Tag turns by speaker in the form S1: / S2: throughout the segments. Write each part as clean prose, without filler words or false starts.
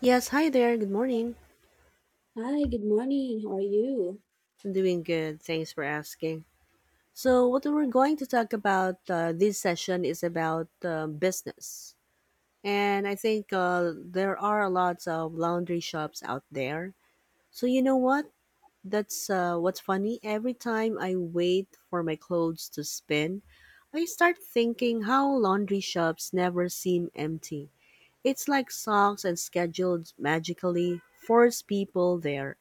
S1: Yes, hi there. Good morning.
S2: Hi, good morning. How are you?
S1: I'm doing good. Thanks for asking. So, what we're going to talk about this session is about business. And I think there are lots of laundry shops out there. So, you know what? That's what's funny. Every time I wait for my clothes to spin, I start thinking how laundry shops never seem empty. It's like socks and schedules magically force people there.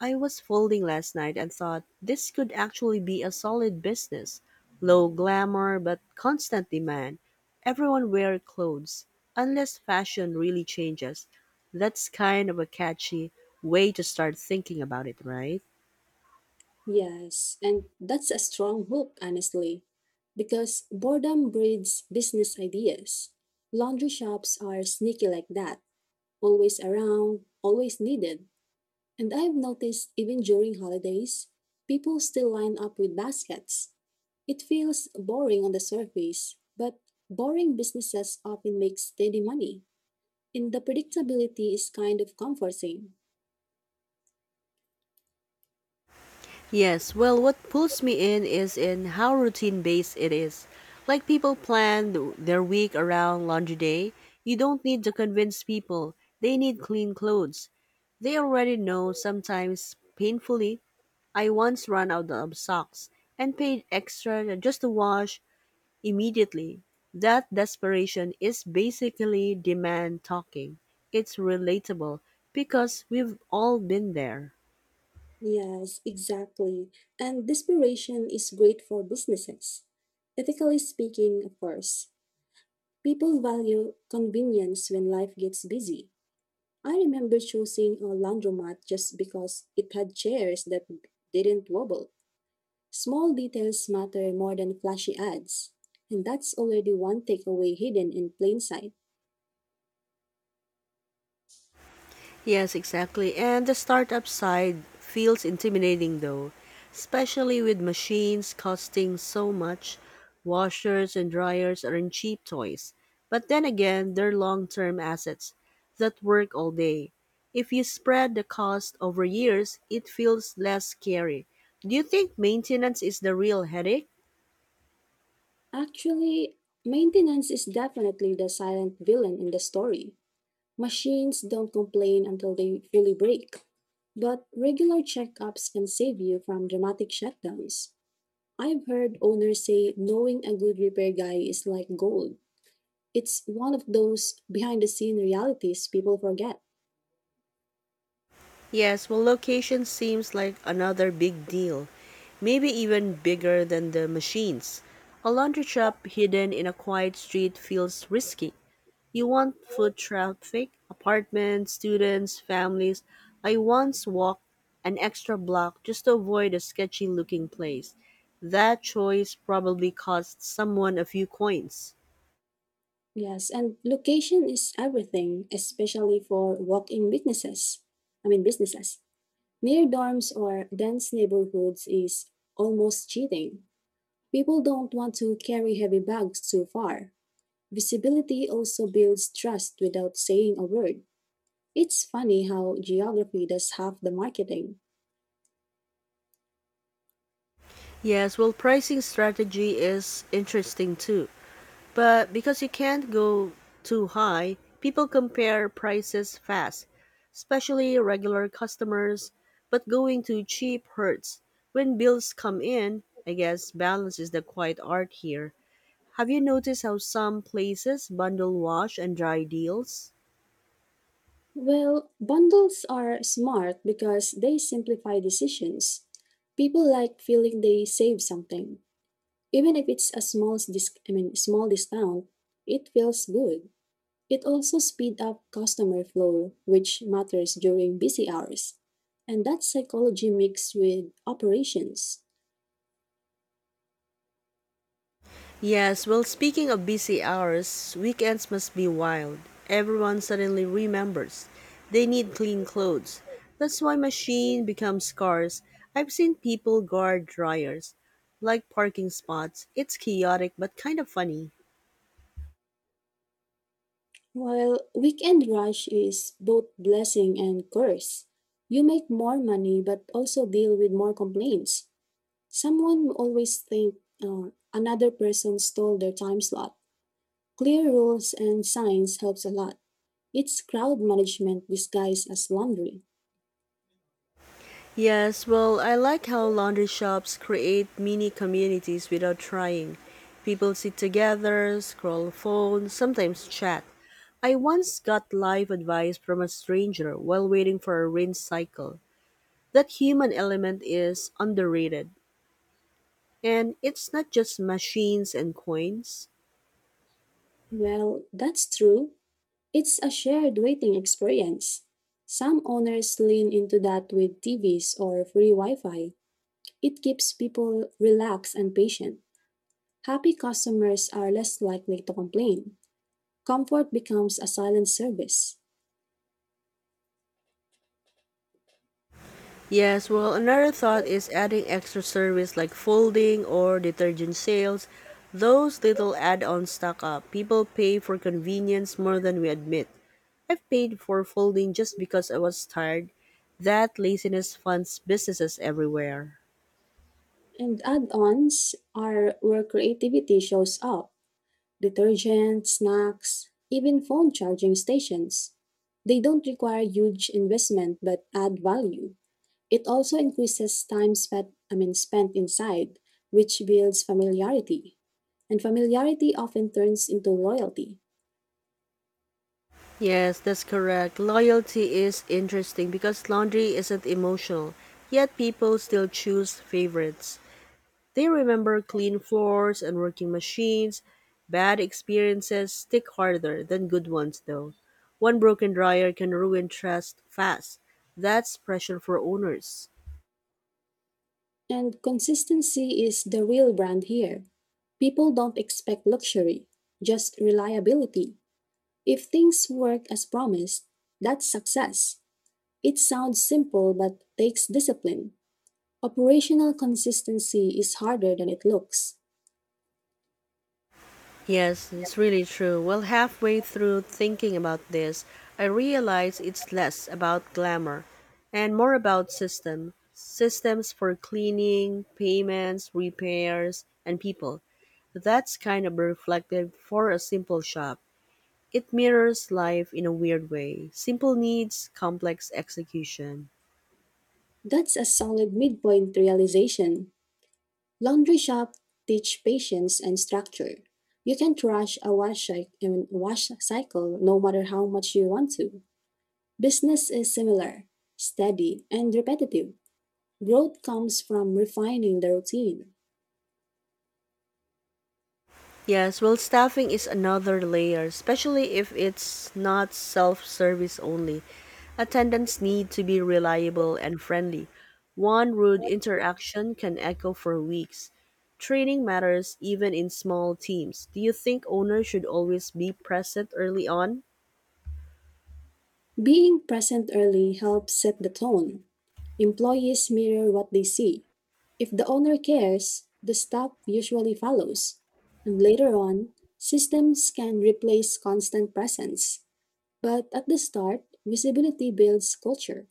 S1: I was folding last night and thought this could actually be a solid business. Low glamour but constant demand. Everyone wear clothes unless fashion really changes. That's kind of a catchy way to start thinking about it, right?
S2: Yes, and that's a strong hook, honestly, because boredom breeds business ideas. Laundry shops are sneaky like that, always around, always needed. And I've noticed even during holidays, people still line up with baskets. It feels boring on the surface, but boring businesses often make steady money, and the predictability is kind of comforting.
S1: Yes, well, what pulls me in is in how routine based it is. Like people plan their week around laundry day. You don't need to convince people, they need clean clothes. They already know, sometimes painfully. I once ran out of socks and paid extra just to wash immediately. That desperation is basically demand talking. It's relatable because we've all been there.
S2: Yes, exactly. And desperation is great for businesses. Ethically speaking, of course, people value convenience when life gets busy. I remember choosing a laundromat just because it had chairs that didn't wobble. Small details matter more than flashy ads. And that's already one takeaway hidden in plain sight.
S1: Yes, exactly. And the startup side feels intimidating though, especially with machines costing so much. Washers and dryers aren't cheap toys. But then again, they're long term assets that work all day. If you spread the cost over years, it feels less scary. Do you think maintenance is the real headache?
S2: Actually, maintenance is definitely the silent villain in the story. Machines don't complain until they fully break. But regular checkups can save you from dramatic shutdowns. I've heard owners say knowing a good repair guy is like gold. It's one of those behind the scene realities people forget.
S1: Yes, well, location seems like another big deal, maybe even bigger than the machines. A laundry shop hidden in a quiet street feels risky. You want foot traffic, apartments, students, families. I once walked an extra block just to avoid a sketchy looking place. That choice probably cost someone a few coins.
S2: Yes, and location is everything, especially for walk-in businesses. I mean businesses. Near dorms or dense neighborhoods is almost cheating. People don't want to carry heavy bags too far. Visibility also builds trust without saying a word. It's funny how geography does half the marketing.
S1: Yes, well, pricing strategy is interesting too. But because you can't go too high, people compare prices fast, especially regular customers. But going too cheap hurts. When bills come in, I guess balance is the quiet art here. Have you noticed how some places bundle wash and dry deals?
S2: Well, bundles are smart because they simplify decisions. People like feeling they save something. Even if it's a I mean small discount, it feels good. It also speeds up customer flow, which matters during busy hours. And that psychology mixed with operations.
S1: Yes, well, speaking of busy hours, weekends must be wild. Everyone suddenly remembers they need clean clothes. That's why machine becomes scarce. I've seen people guard dryers like parking spots. It's chaotic but kind of funny.
S2: While weekend rush is both blessing and curse. You make more money but also deal with more complaints. Someone will always think another person stole their time slot. Clear rules and signs helps a lot. It's crowd management disguised as laundry.
S1: Yes, well, I like how laundry shops create mini communities without trying. People sit together, scroll phones, sometimes chat. I once got life advice from a stranger while waiting for a rinse cycle. That human element is underrated. And it's not just machines and coins.
S2: Well, that's true. It's a shared waiting experience. Some owners lean into that with TVs or free Wi-Fi. It keeps people relaxed and patient. Happy customers are less likely to complain. Comfort becomes a silent service.
S1: Yes, well, another thought is adding extra service like folding or detergent sales. Those little add ons stack up. People pay for convenience more than we admit. I've paid for folding just because I was tired. That laziness funds businesses everywhere.
S2: And add ons are where creativity shows up detergent, snacks, even phone charging stations. They don't require huge investment but add value. It also increases time spent, I mean, spent inside, which builds familiarity. And familiarity often turns into loyalty.
S1: Yes, that's correct. Loyalty is interesting because laundry isn't emotional, yet people still choose favorites. They remember clean floors and working machines. Bad experiences stick harder than good ones, though. One broken dryer can ruin trust fast. That's pressure for owners.
S2: And consistency is the real brand here. People don't expect luxury, just reliability. If things work as promised, that's success. It sounds simple but takes discipline. Operational consistency is harder than it looks.
S1: Yes, it's really true. Well, halfway through thinking about this, I realize it's less about glamour and more about system. Systems for cleaning, payments, repairs, and people. That's kind of reflective for a simple shop. It mirrors life in a weird way. Simple needs, complex execution.
S2: That's a solid midpoint realization. Laundry shop teach patience and structure. You can't rush a wash, cy- I mean, wash cycle no matter how much you want to. Business is similar, steady, and repetitive. Growth comes from refining the routine.
S1: Yes, well, staffing is another layer, especially if it's not self service only. Attendants need to be reliable and friendly. One rude interaction can echo for weeks. Training matters even in small teams. Do you think owners should always be present early on?
S2: Being present early helps set the tone. Employees mirror what they see. If the owner cares, the staff usually follows. And later on, systems can replace constant presence. But at the start, visibility builds culture.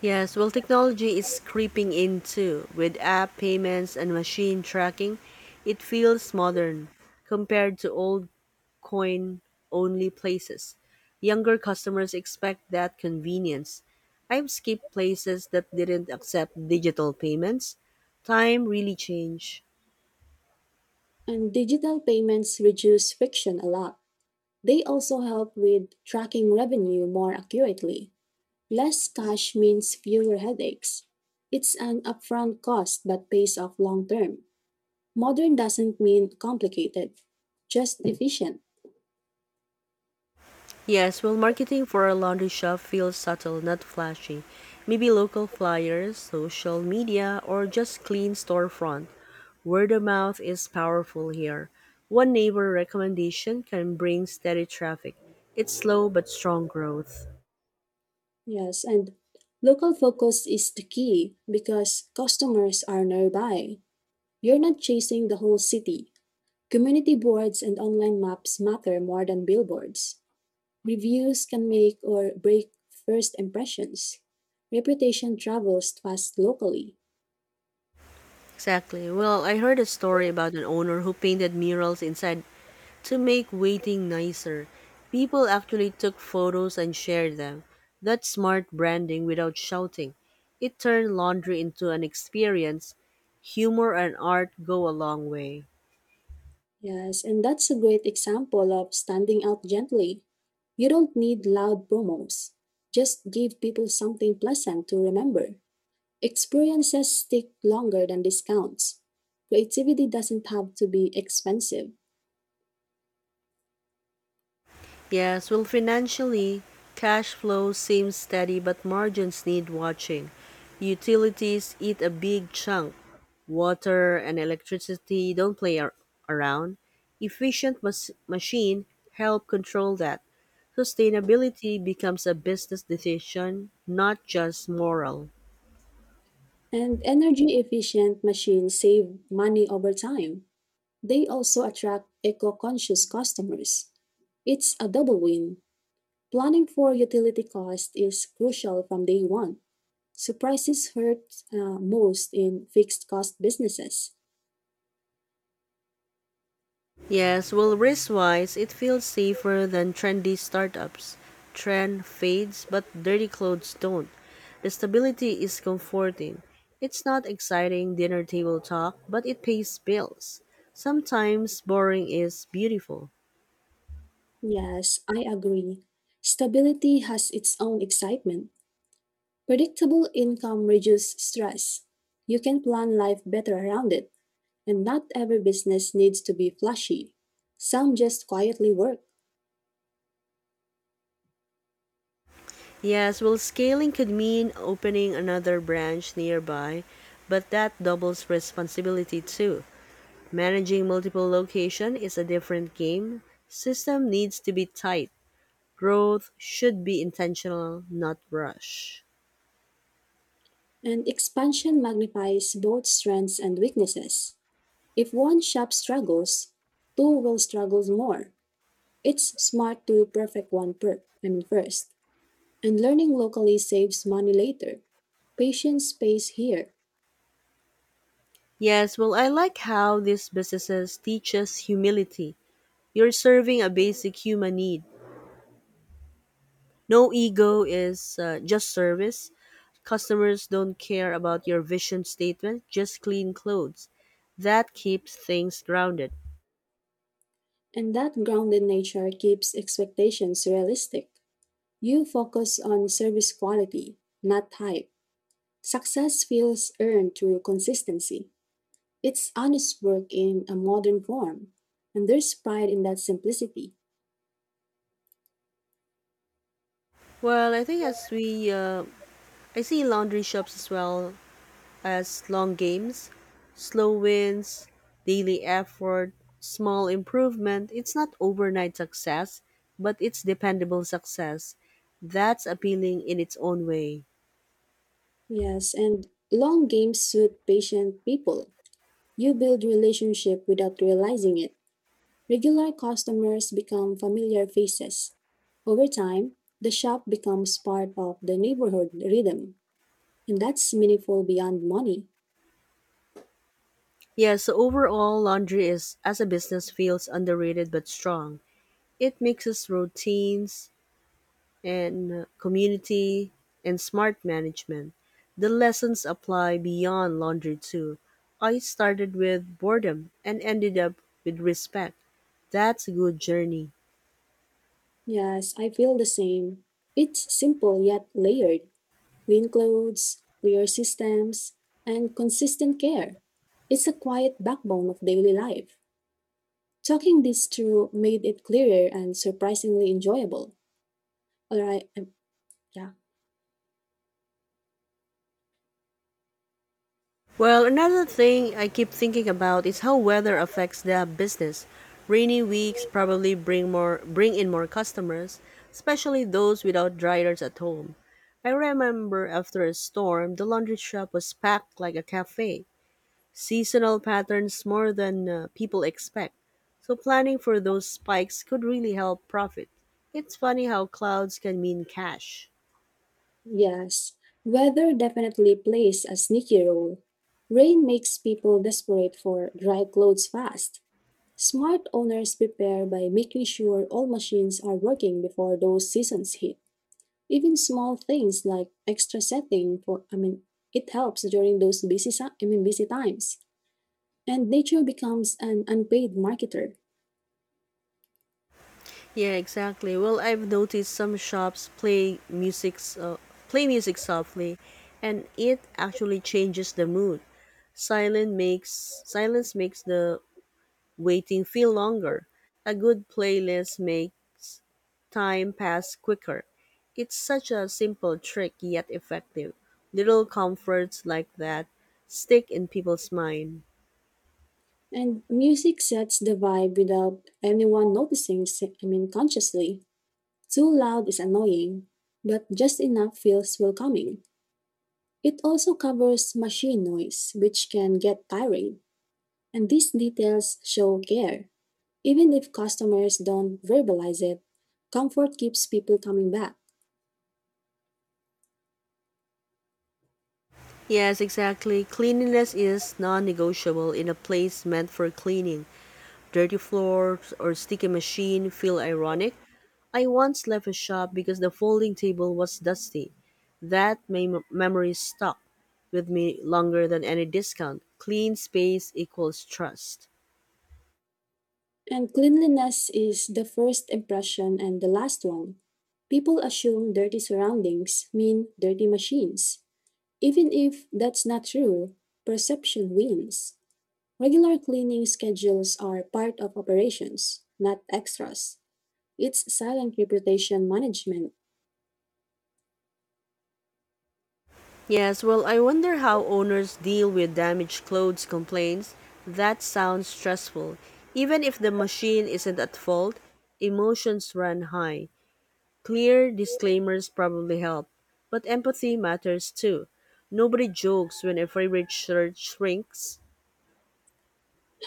S1: Yes, well, technology is creeping in too. With app payments and machine tracking, it feels modern compared to old coin only places. Younger customers expect that convenience. I've skipped places that didn't accept digital payments. Time really changed.
S2: And digital payments reduce friction a lot. They also help with tracking revenue more accurately. Less cash means fewer headaches. It's an upfront cost but pays off long term. Modern doesn't mean complicated, just efficient.
S1: Yes, well, marketing for a laundry shop feels subtle, not flashy. Maybe local flyers, social media, or just clean storefront. Word of mouth is powerful here. One neighbor recommendation can bring steady traffic. It's slow but strong growth.
S2: Yes, and local focus is the key because customers are nearby. You're not chasing the whole city. Community boards and online maps matter more than billboards. Reviews can make or break first impressions. Reputation travels fast locally.
S1: Exactly. Well, I heard a story about an owner who painted murals inside. To make waiting nicer, people actually took photos and shared them. That's smart branding without shouting. It turned laundry into an experience. Humor and art go a long way.
S2: Yes, and that's a great example of standing out gently. You don't need loud promos. Just give people something pleasant to remember. Experiences stick longer than discounts. Creativity doesn't have to be expensive.
S1: Yes, well, financially, cash flow seems steady, but margins need watching. Utilities eat a big chunk. Water and electricity don't play around. Efficient machine help control that. Sustainability becomes a business decision, not just moral.
S2: And energy efficient machines save money over time. They also attract eco conscious customers. It's a double win. Planning for utility cost is crucial from day one. Surprises hurt most in fixed cost businesses.
S1: Yes, well, risk wise, it feels safer than trendy startups. Trend fades, but dirty clothes don't. The stability is comforting. It's not exciting dinner table talk, but it pays bills. Sometimes boring is beautiful.
S2: Yes, I agree. Stability has its own excitement. Predictable income reduces stress. You can plan life better around it, and not every business needs to be flashy. Some just quietly work,
S1: Yes, well, scaling could mean opening another branch nearby, but that doubles responsibility too. Managing multiple locations is a different game. System needs to be tight. Growth should be intentional, not rush.
S2: and expansion magnifies both strengths and weaknesses. If one shop struggles, two will struggle more. It's smart to perfect one per- I mean first. And learning locally saves money later. Patients pays here,
S1: Yes, well, I like how these businesses teach us humility. You're serving a basic human need. No ego is just service. Customers don't care about your vision statement, just clean clothes. That keeps things grounded.
S2: and that grounded nature keeps expectations realistic. You focus on service quality, not hype. Success feels earned through consistency. It's honest work in a modern form, and there's pride in that simplicity.
S1: Well, I think as we I see laundry shops as well as long games, slow wins, daily effort, small improvement. It's not overnight success, but it's dependable success. That's appealing in its own way.
S2: Yes, and long games suit patient people. You build relationship without realizing it. Regular customers become familiar faces. Over time, the shop becomes part of the neighborhood rhythm, and that's meaningful beyond money.
S1: Yes, overall, laundry is, as a business, feels underrated but strong. It mixes routines and community and smart management. The lessons apply beyond laundry, too. I started with boredom and ended up with respect. That's a good journey.
S2: Yes, I feel the same. It's simple yet layered clean clothes, clear systems, and consistent care. It's a quiet backbone of daily life. Talking this through made it clearer and surprisingly enjoyable. All right, yeah.
S1: Well, another thing I keep thinking about is how weather affects the business. Rainy weeks probably bring in more customers, especially those without dryers at home. I remember after a storm, the laundry shop was packed like a cafe. Seasonal patterns more than people expect. So planning for those spikes could really help profit. It's funny how clouds can mean cash.
S2: Yes, weather definitely plays a sneaky role. Rain makes people desperate for dry clothes fast. Smart owners prepare by making sure all machines are working before those seasons hit. Even small things like extra setting for I mean it helps during those busy si- I mean busy times. And nature becomes an unpaid marketer.
S1: Yeah, exactly. Well, I've noticed some shops play music softly, and it actually changes the mood. Silence makes the waiting feel longer. A good playlist makes time pass quicker. It's such a simple trick yet effective. Little comforts like that stick in people's mind.
S2: And music sets the vibe without anyone noticing, s- I mean consciously. Too loud is annoying, but just enough feels welcoming. It also covers machine noise, which can get tiring, and these details show care. Even if customers don't verbalize it, comfort keeps people coming back.
S1: Yes, exactly. Cleanliness is non-negotiable in a place meant for cleaning. Dirty floors or sticky machine feel ironic. I once left a shop because the folding table was dusty. That memory stuck with me longer than any discount. Clean space equals trust.
S2: And cleanliness is the first impression and the last one. People assume dirty surroundings mean dirty machines. Even if that's not true, perception wins. Regular cleaning schedules are part of operations, not extras. It's silent reputation management.
S1: Yes, well, I wonder how owners deal with damaged clothes complaints. That sounds stressful. Even if the machine isn't at fault, emotions run high. Clear disclaimers probably help, but empathy matters too. Nobody jokes when a favorite shirt shrinks.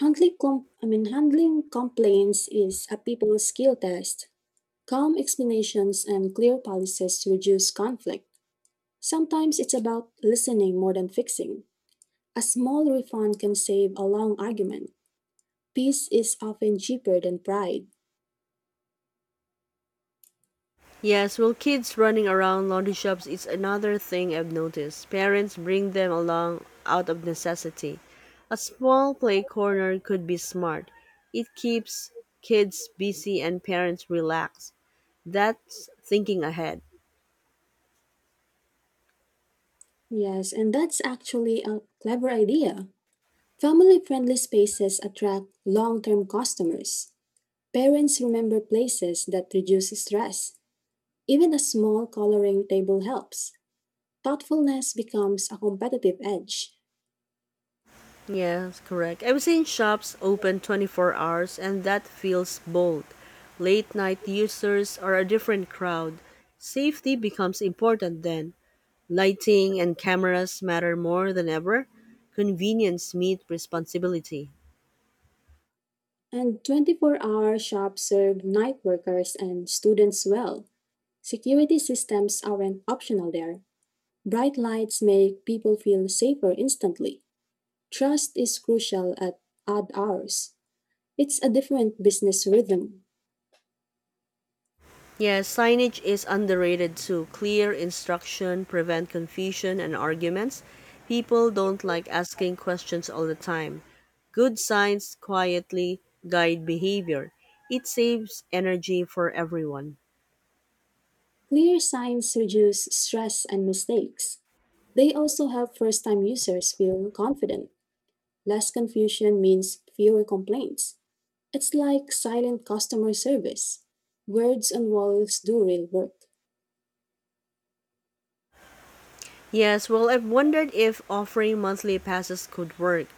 S2: Handling complaints is a people skill test. Calm explanations and clear policies reduce conflict. Sometimes it's about listening more than fixing. A small refund can save a long argument. Peace is often cheaper than pride.
S1: Yes, well, kids running around laundry shops is another thing I've noticed. Parents bring them along out of necessity. A small play corner could be smart. It keeps kids busy and parents relaxed. That's thinking ahead.
S2: Yes, and that's actually a clever idea. Family friendly spaces attract long term customers. Parents remember places that reduce stress. Even a small coloring table helps. Thoughtfulness becomes a competitive edge.
S1: Yes, correct. I've seen shops open 24 hours and that feels bold. Late night users are a different crowd. Safety becomes important then. Lighting and cameras matter more than ever. Convenience meets responsibility.
S2: And 24-hour shops serve night workers and students well. Security systems aren't optional there. Bright lights make people feel safer instantly. Trust is crucial at odd hours. It's a different business rhythm.
S1: Yeah, signage is underrated too. Clear instruction prevent confusion and arguments. People don't like asking questions all the time. Good signs quietly guide behavior. It saves energy for everyone.
S2: Clear signs reduce stress and mistakes. They also help first time users feel confident. Less confusion means fewer complaints. It's like silent customer service. Words on walls do real work.
S1: Yes, well, I've wondered if offering monthly passes could work.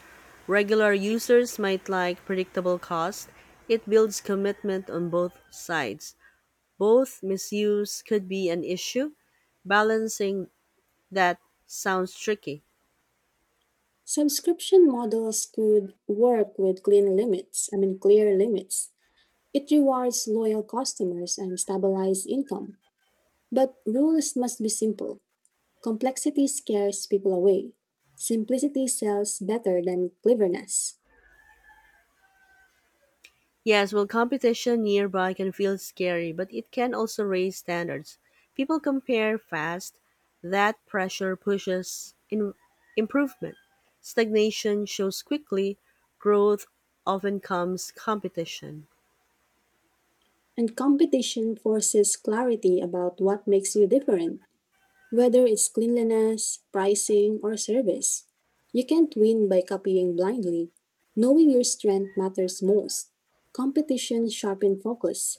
S1: Regular users might like predictable cost. It builds commitment on both sides. Both misuse could be an issue. Balancing that sounds tricky.
S2: Subscription models could work with clean limits, I mean, clear limits. It rewards loyal customers and stabilizes income. But rules must be simple. Complexity scares people away. Simplicity sells better than cleverness.
S1: Yes, well, competition nearby can feel scary, but it can also raise standards. People compare fast. That pressure pushes in improvement. Stagnation shows quickly. Growth often comes competition.
S2: And competition forces clarity about what makes you different, whether it's cleanliness, pricing, or service. You can't win by copying blindly. Knowing your strength matters most. Competition sharpens focus.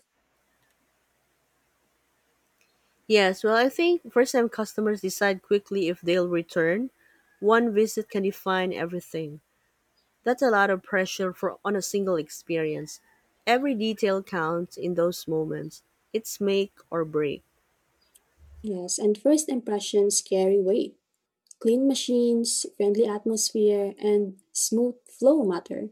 S1: Yes, well, I think first time customers decide quickly if they'll return. One visit can define everything. That's a lot of pressure for on a single experience. Every detail counts in those moments. It's make or break.
S2: Yes, and first impressions carry weight. Clean machines, friendly atmosphere, and smooth flow matter.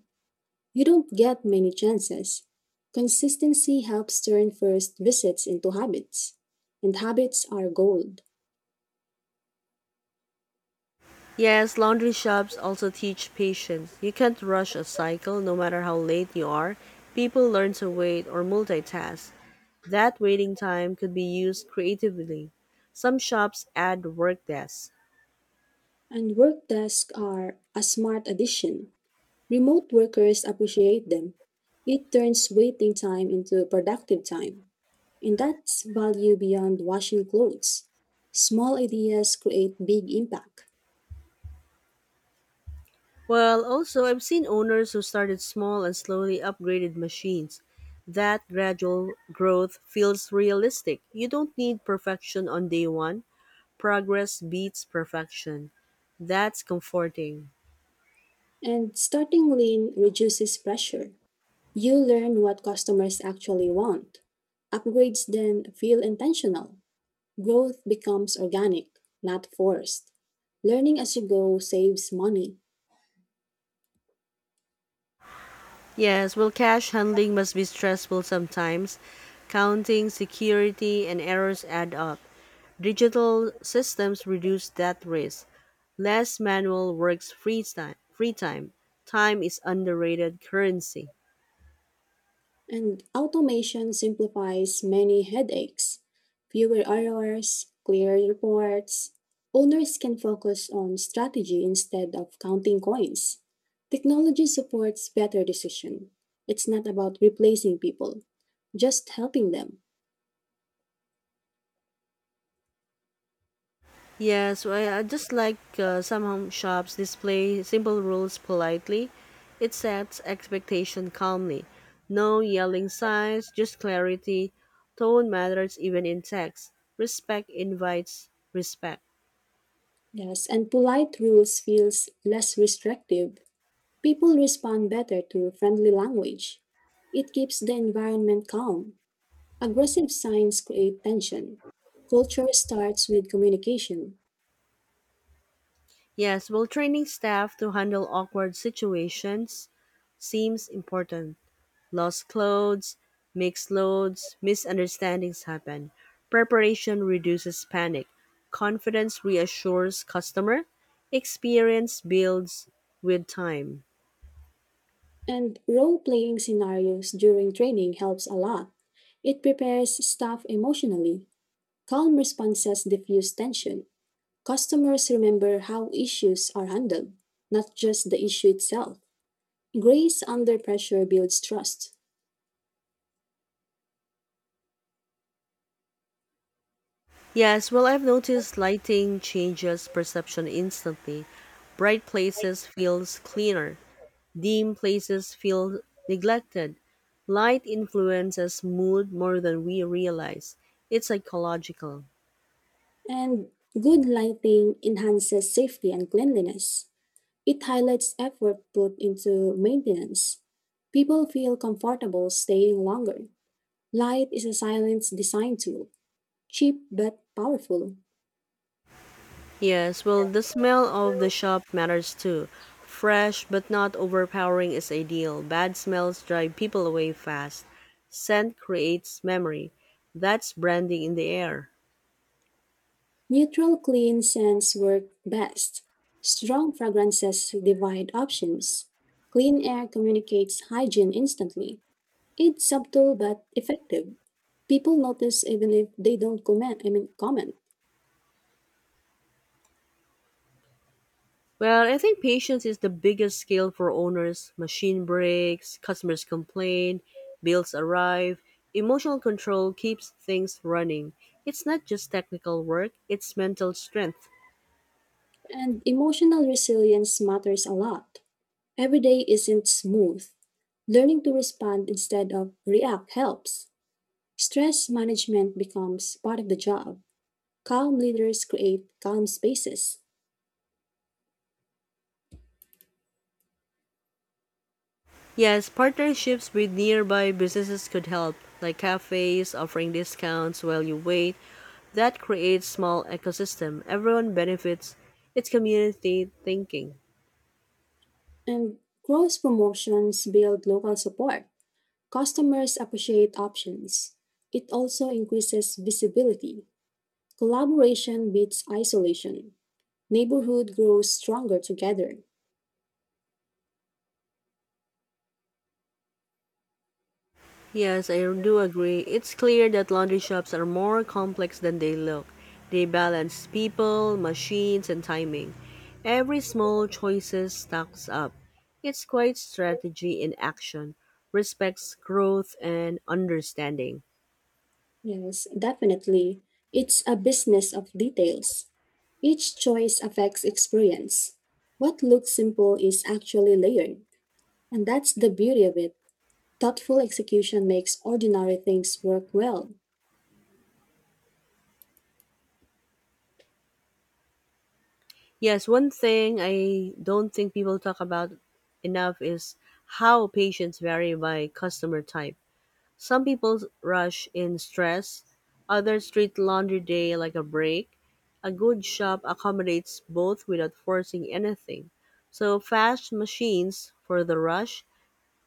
S2: You don't get many chances. Consistency helps turn first visits into habits, and habits are gold.
S1: Yes, laundry shops also teach patience. You can't rush a cycle no matter how late you are. People learn to wait or multitask. That waiting time could be used creatively. Some shops add work desks.
S2: And work desks are a smart addition. Remote workers appreciate them. It turns waiting time into productive time. And that's value beyond washing clothes. Small ideas create big impact.
S1: Well, also, I've seen owners who started small and slowly upgraded machines. That gradual growth feels realistic. You don't need perfection on day one. Progress beats perfection. That's comforting.
S2: And starting lean reduces pressure. You learn what customers actually want. Upgrades then feel intentional. Growth becomes organic, not forced. Learning as you go saves money.
S1: Yes, well, cash handling must be stressful sometimes. Counting, security, and errors add up. Digital systems reduce that risk. Less manual works free time. Free time. Time is underrated currency.
S2: And automation simplifies many headaches. Fewer errors, clearer reports. Owners can focus on strategy instead of counting coins. Technology supports better decision. It's not about replacing people, just helping them.
S1: Yes, I just like some home shops display simple rules politely. It sets expectation calmly. No yelling signs, just clarity. Tone matters even in text. Respect invites respect.
S2: Yes, and polite rules feels less restrictive. People respond better to friendly language. It keeps the environment calm. Aggressive signs create tension. Culture starts with communication,
S1: Yes, well, training staff to handle awkward situations seems important. Lost clothes, mixed loads, misunderstandings happen. Preparation reduces panic. Confidence reassures customer. Experience builds with time.
S2: and role playing scenarios during training helps a lot. It prepares staff emotionally. Calm responses diffuse tension. Customers remember how issues are handled, not just the issue itself. Grace under pressure builds trust,
S1: Yes, well, I've noticed lighting changes perception instantly. Bright places feels cleaner. Dim places feel neglected. Light influences mood more than we realize. It's psychological.
S2: and good lighting enhances safety and cleanliness. It highlights effort put into maintenance. People feel comfortable staying longer. Light is a silence design tool, cheap but powerful.
S1: Yes, well, the smell of the shop matters too. Fresh but not overpowering is ideal. Bad smells drive people away fast. Scent creates memory. That's branding in the air.
S2: Neutral clean scents work best. Strong fragrances divide options. Clean air communicates hygiene instantly. It's subtle but effective. People notice even if they don't comment, I mean comment.
S1: Well, I think patience is the biggest skill for owners. Machine breaks, customers complain, bills arrive. Emotional control keeps things running. It's not just technical work, it's mental strength.
S2: And emotional resilience matters a lot. Every day isn't smooth. Learning to respond instead of react helps. Stress management becomes part of the job. Calm leaders create calm spaces.
S1: Yes, partnerships with nearby businesses could help, like cafes offering discounts while you wait. That creates small ecosystem. Everyone benefits. It's community thinking.
S2: And growth promotions build local support. Customers appreciate options. It also increases visibility. Collaboration beats isolation. Neighborhood grows stronger together.
S1: Yes, I do agree. It's clear that laundry shops are more complex than they look. They balance people, machines, and timing. Every small choices stacks up. It's quite strategy in action, respects growth and understanding.
S2: Yes, definitely. It's a business of details. Each choice affects experience. What looks simple is actually layered, and that's the beauty of it. Thoughtful execution makes ordinary things work well.
S1: Yes, one thing I don't think people talk about enough is how patients vary by customer type. Some people rush in stress, others treat laundry day like a break. A good shop accommodates both without forcing anything. So, fast machines for the rush,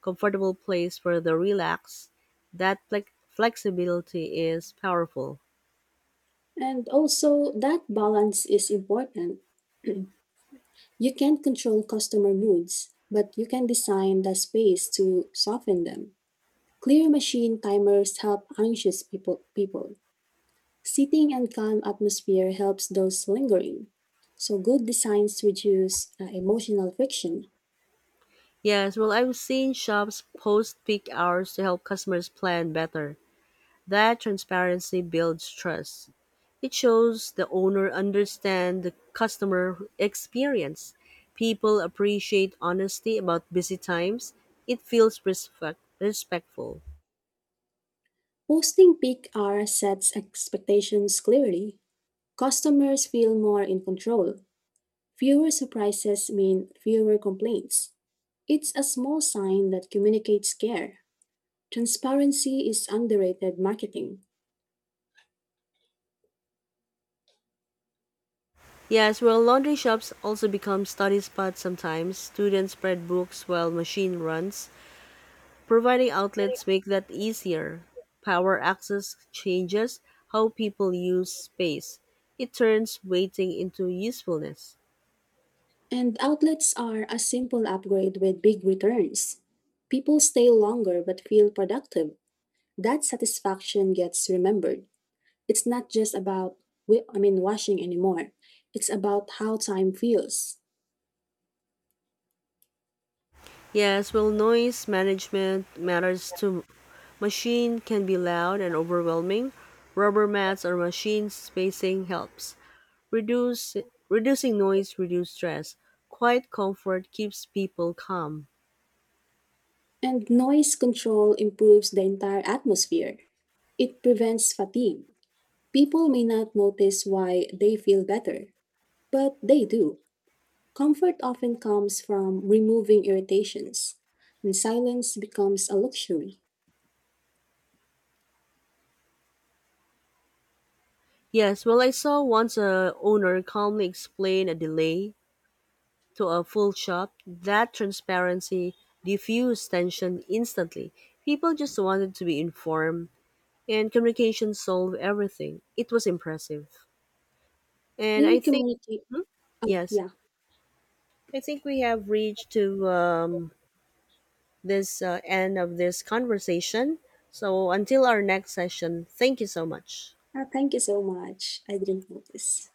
S1: comfortable place for the relax. That flexibility is powerful.
S2: And also, that balance is important. You can't control customer moods, but you can design the space to soften them. Clear machine timers help anxious people. Seating and calm atmosphere helps those lingering. So good designs reduce emotional friction.
S1: Yes, well, I've seen shops post peak hours to help customers plan better. That transparency builds trust. It shows the owner understands the customer experience. People appreciate honesty about busy times. It feels respectful.
S2: Posting peak hour sets expectations clearly. Customers feel more in control. Fewer surprises mean fewer complaints. It's a small sign that communicates care. Transparency is underrated marketing.
S1: Yes, well, laundry shops also become study spots sometimes. Students spread books while machine runs. Providing outlets make that easier. Power access changes how people use space. It turns waiting into usefulness.
S2: And outlets are a simple upgrade with big returns. People stay longer but feel productive. That satisfaction gets remembered. It's not just about, washing anymore. It's about how time feels.
S1: Yes, well, noise management matters too. Machine can be loud and overwhelming. Rubber mats or machine spacing helps. Reduce Reducing noise, reduce stress. Quiet comfort keeps people calm.
S2: And noise control improves the entire atmosphere. It prevents fatigue. People may not notice why they feel better, but they do. Comfort often comes from removing irritations, and silence becomes a luxury.
S1: Yes, well, I saw once a owner calmly explain a delay to a full shop. That transparency diffused tension instantly. People just wanted to be informed, and communication solved everything. It was impressive. And
S2: Clear
S1: I think,
S2: communicate. Oh,
S1: yes,
S2: yeah.
S1: I think we have reached to this end of this conversation. So until our next session, thank you so much.
S2: Ah, thank you so much. I didn't notice.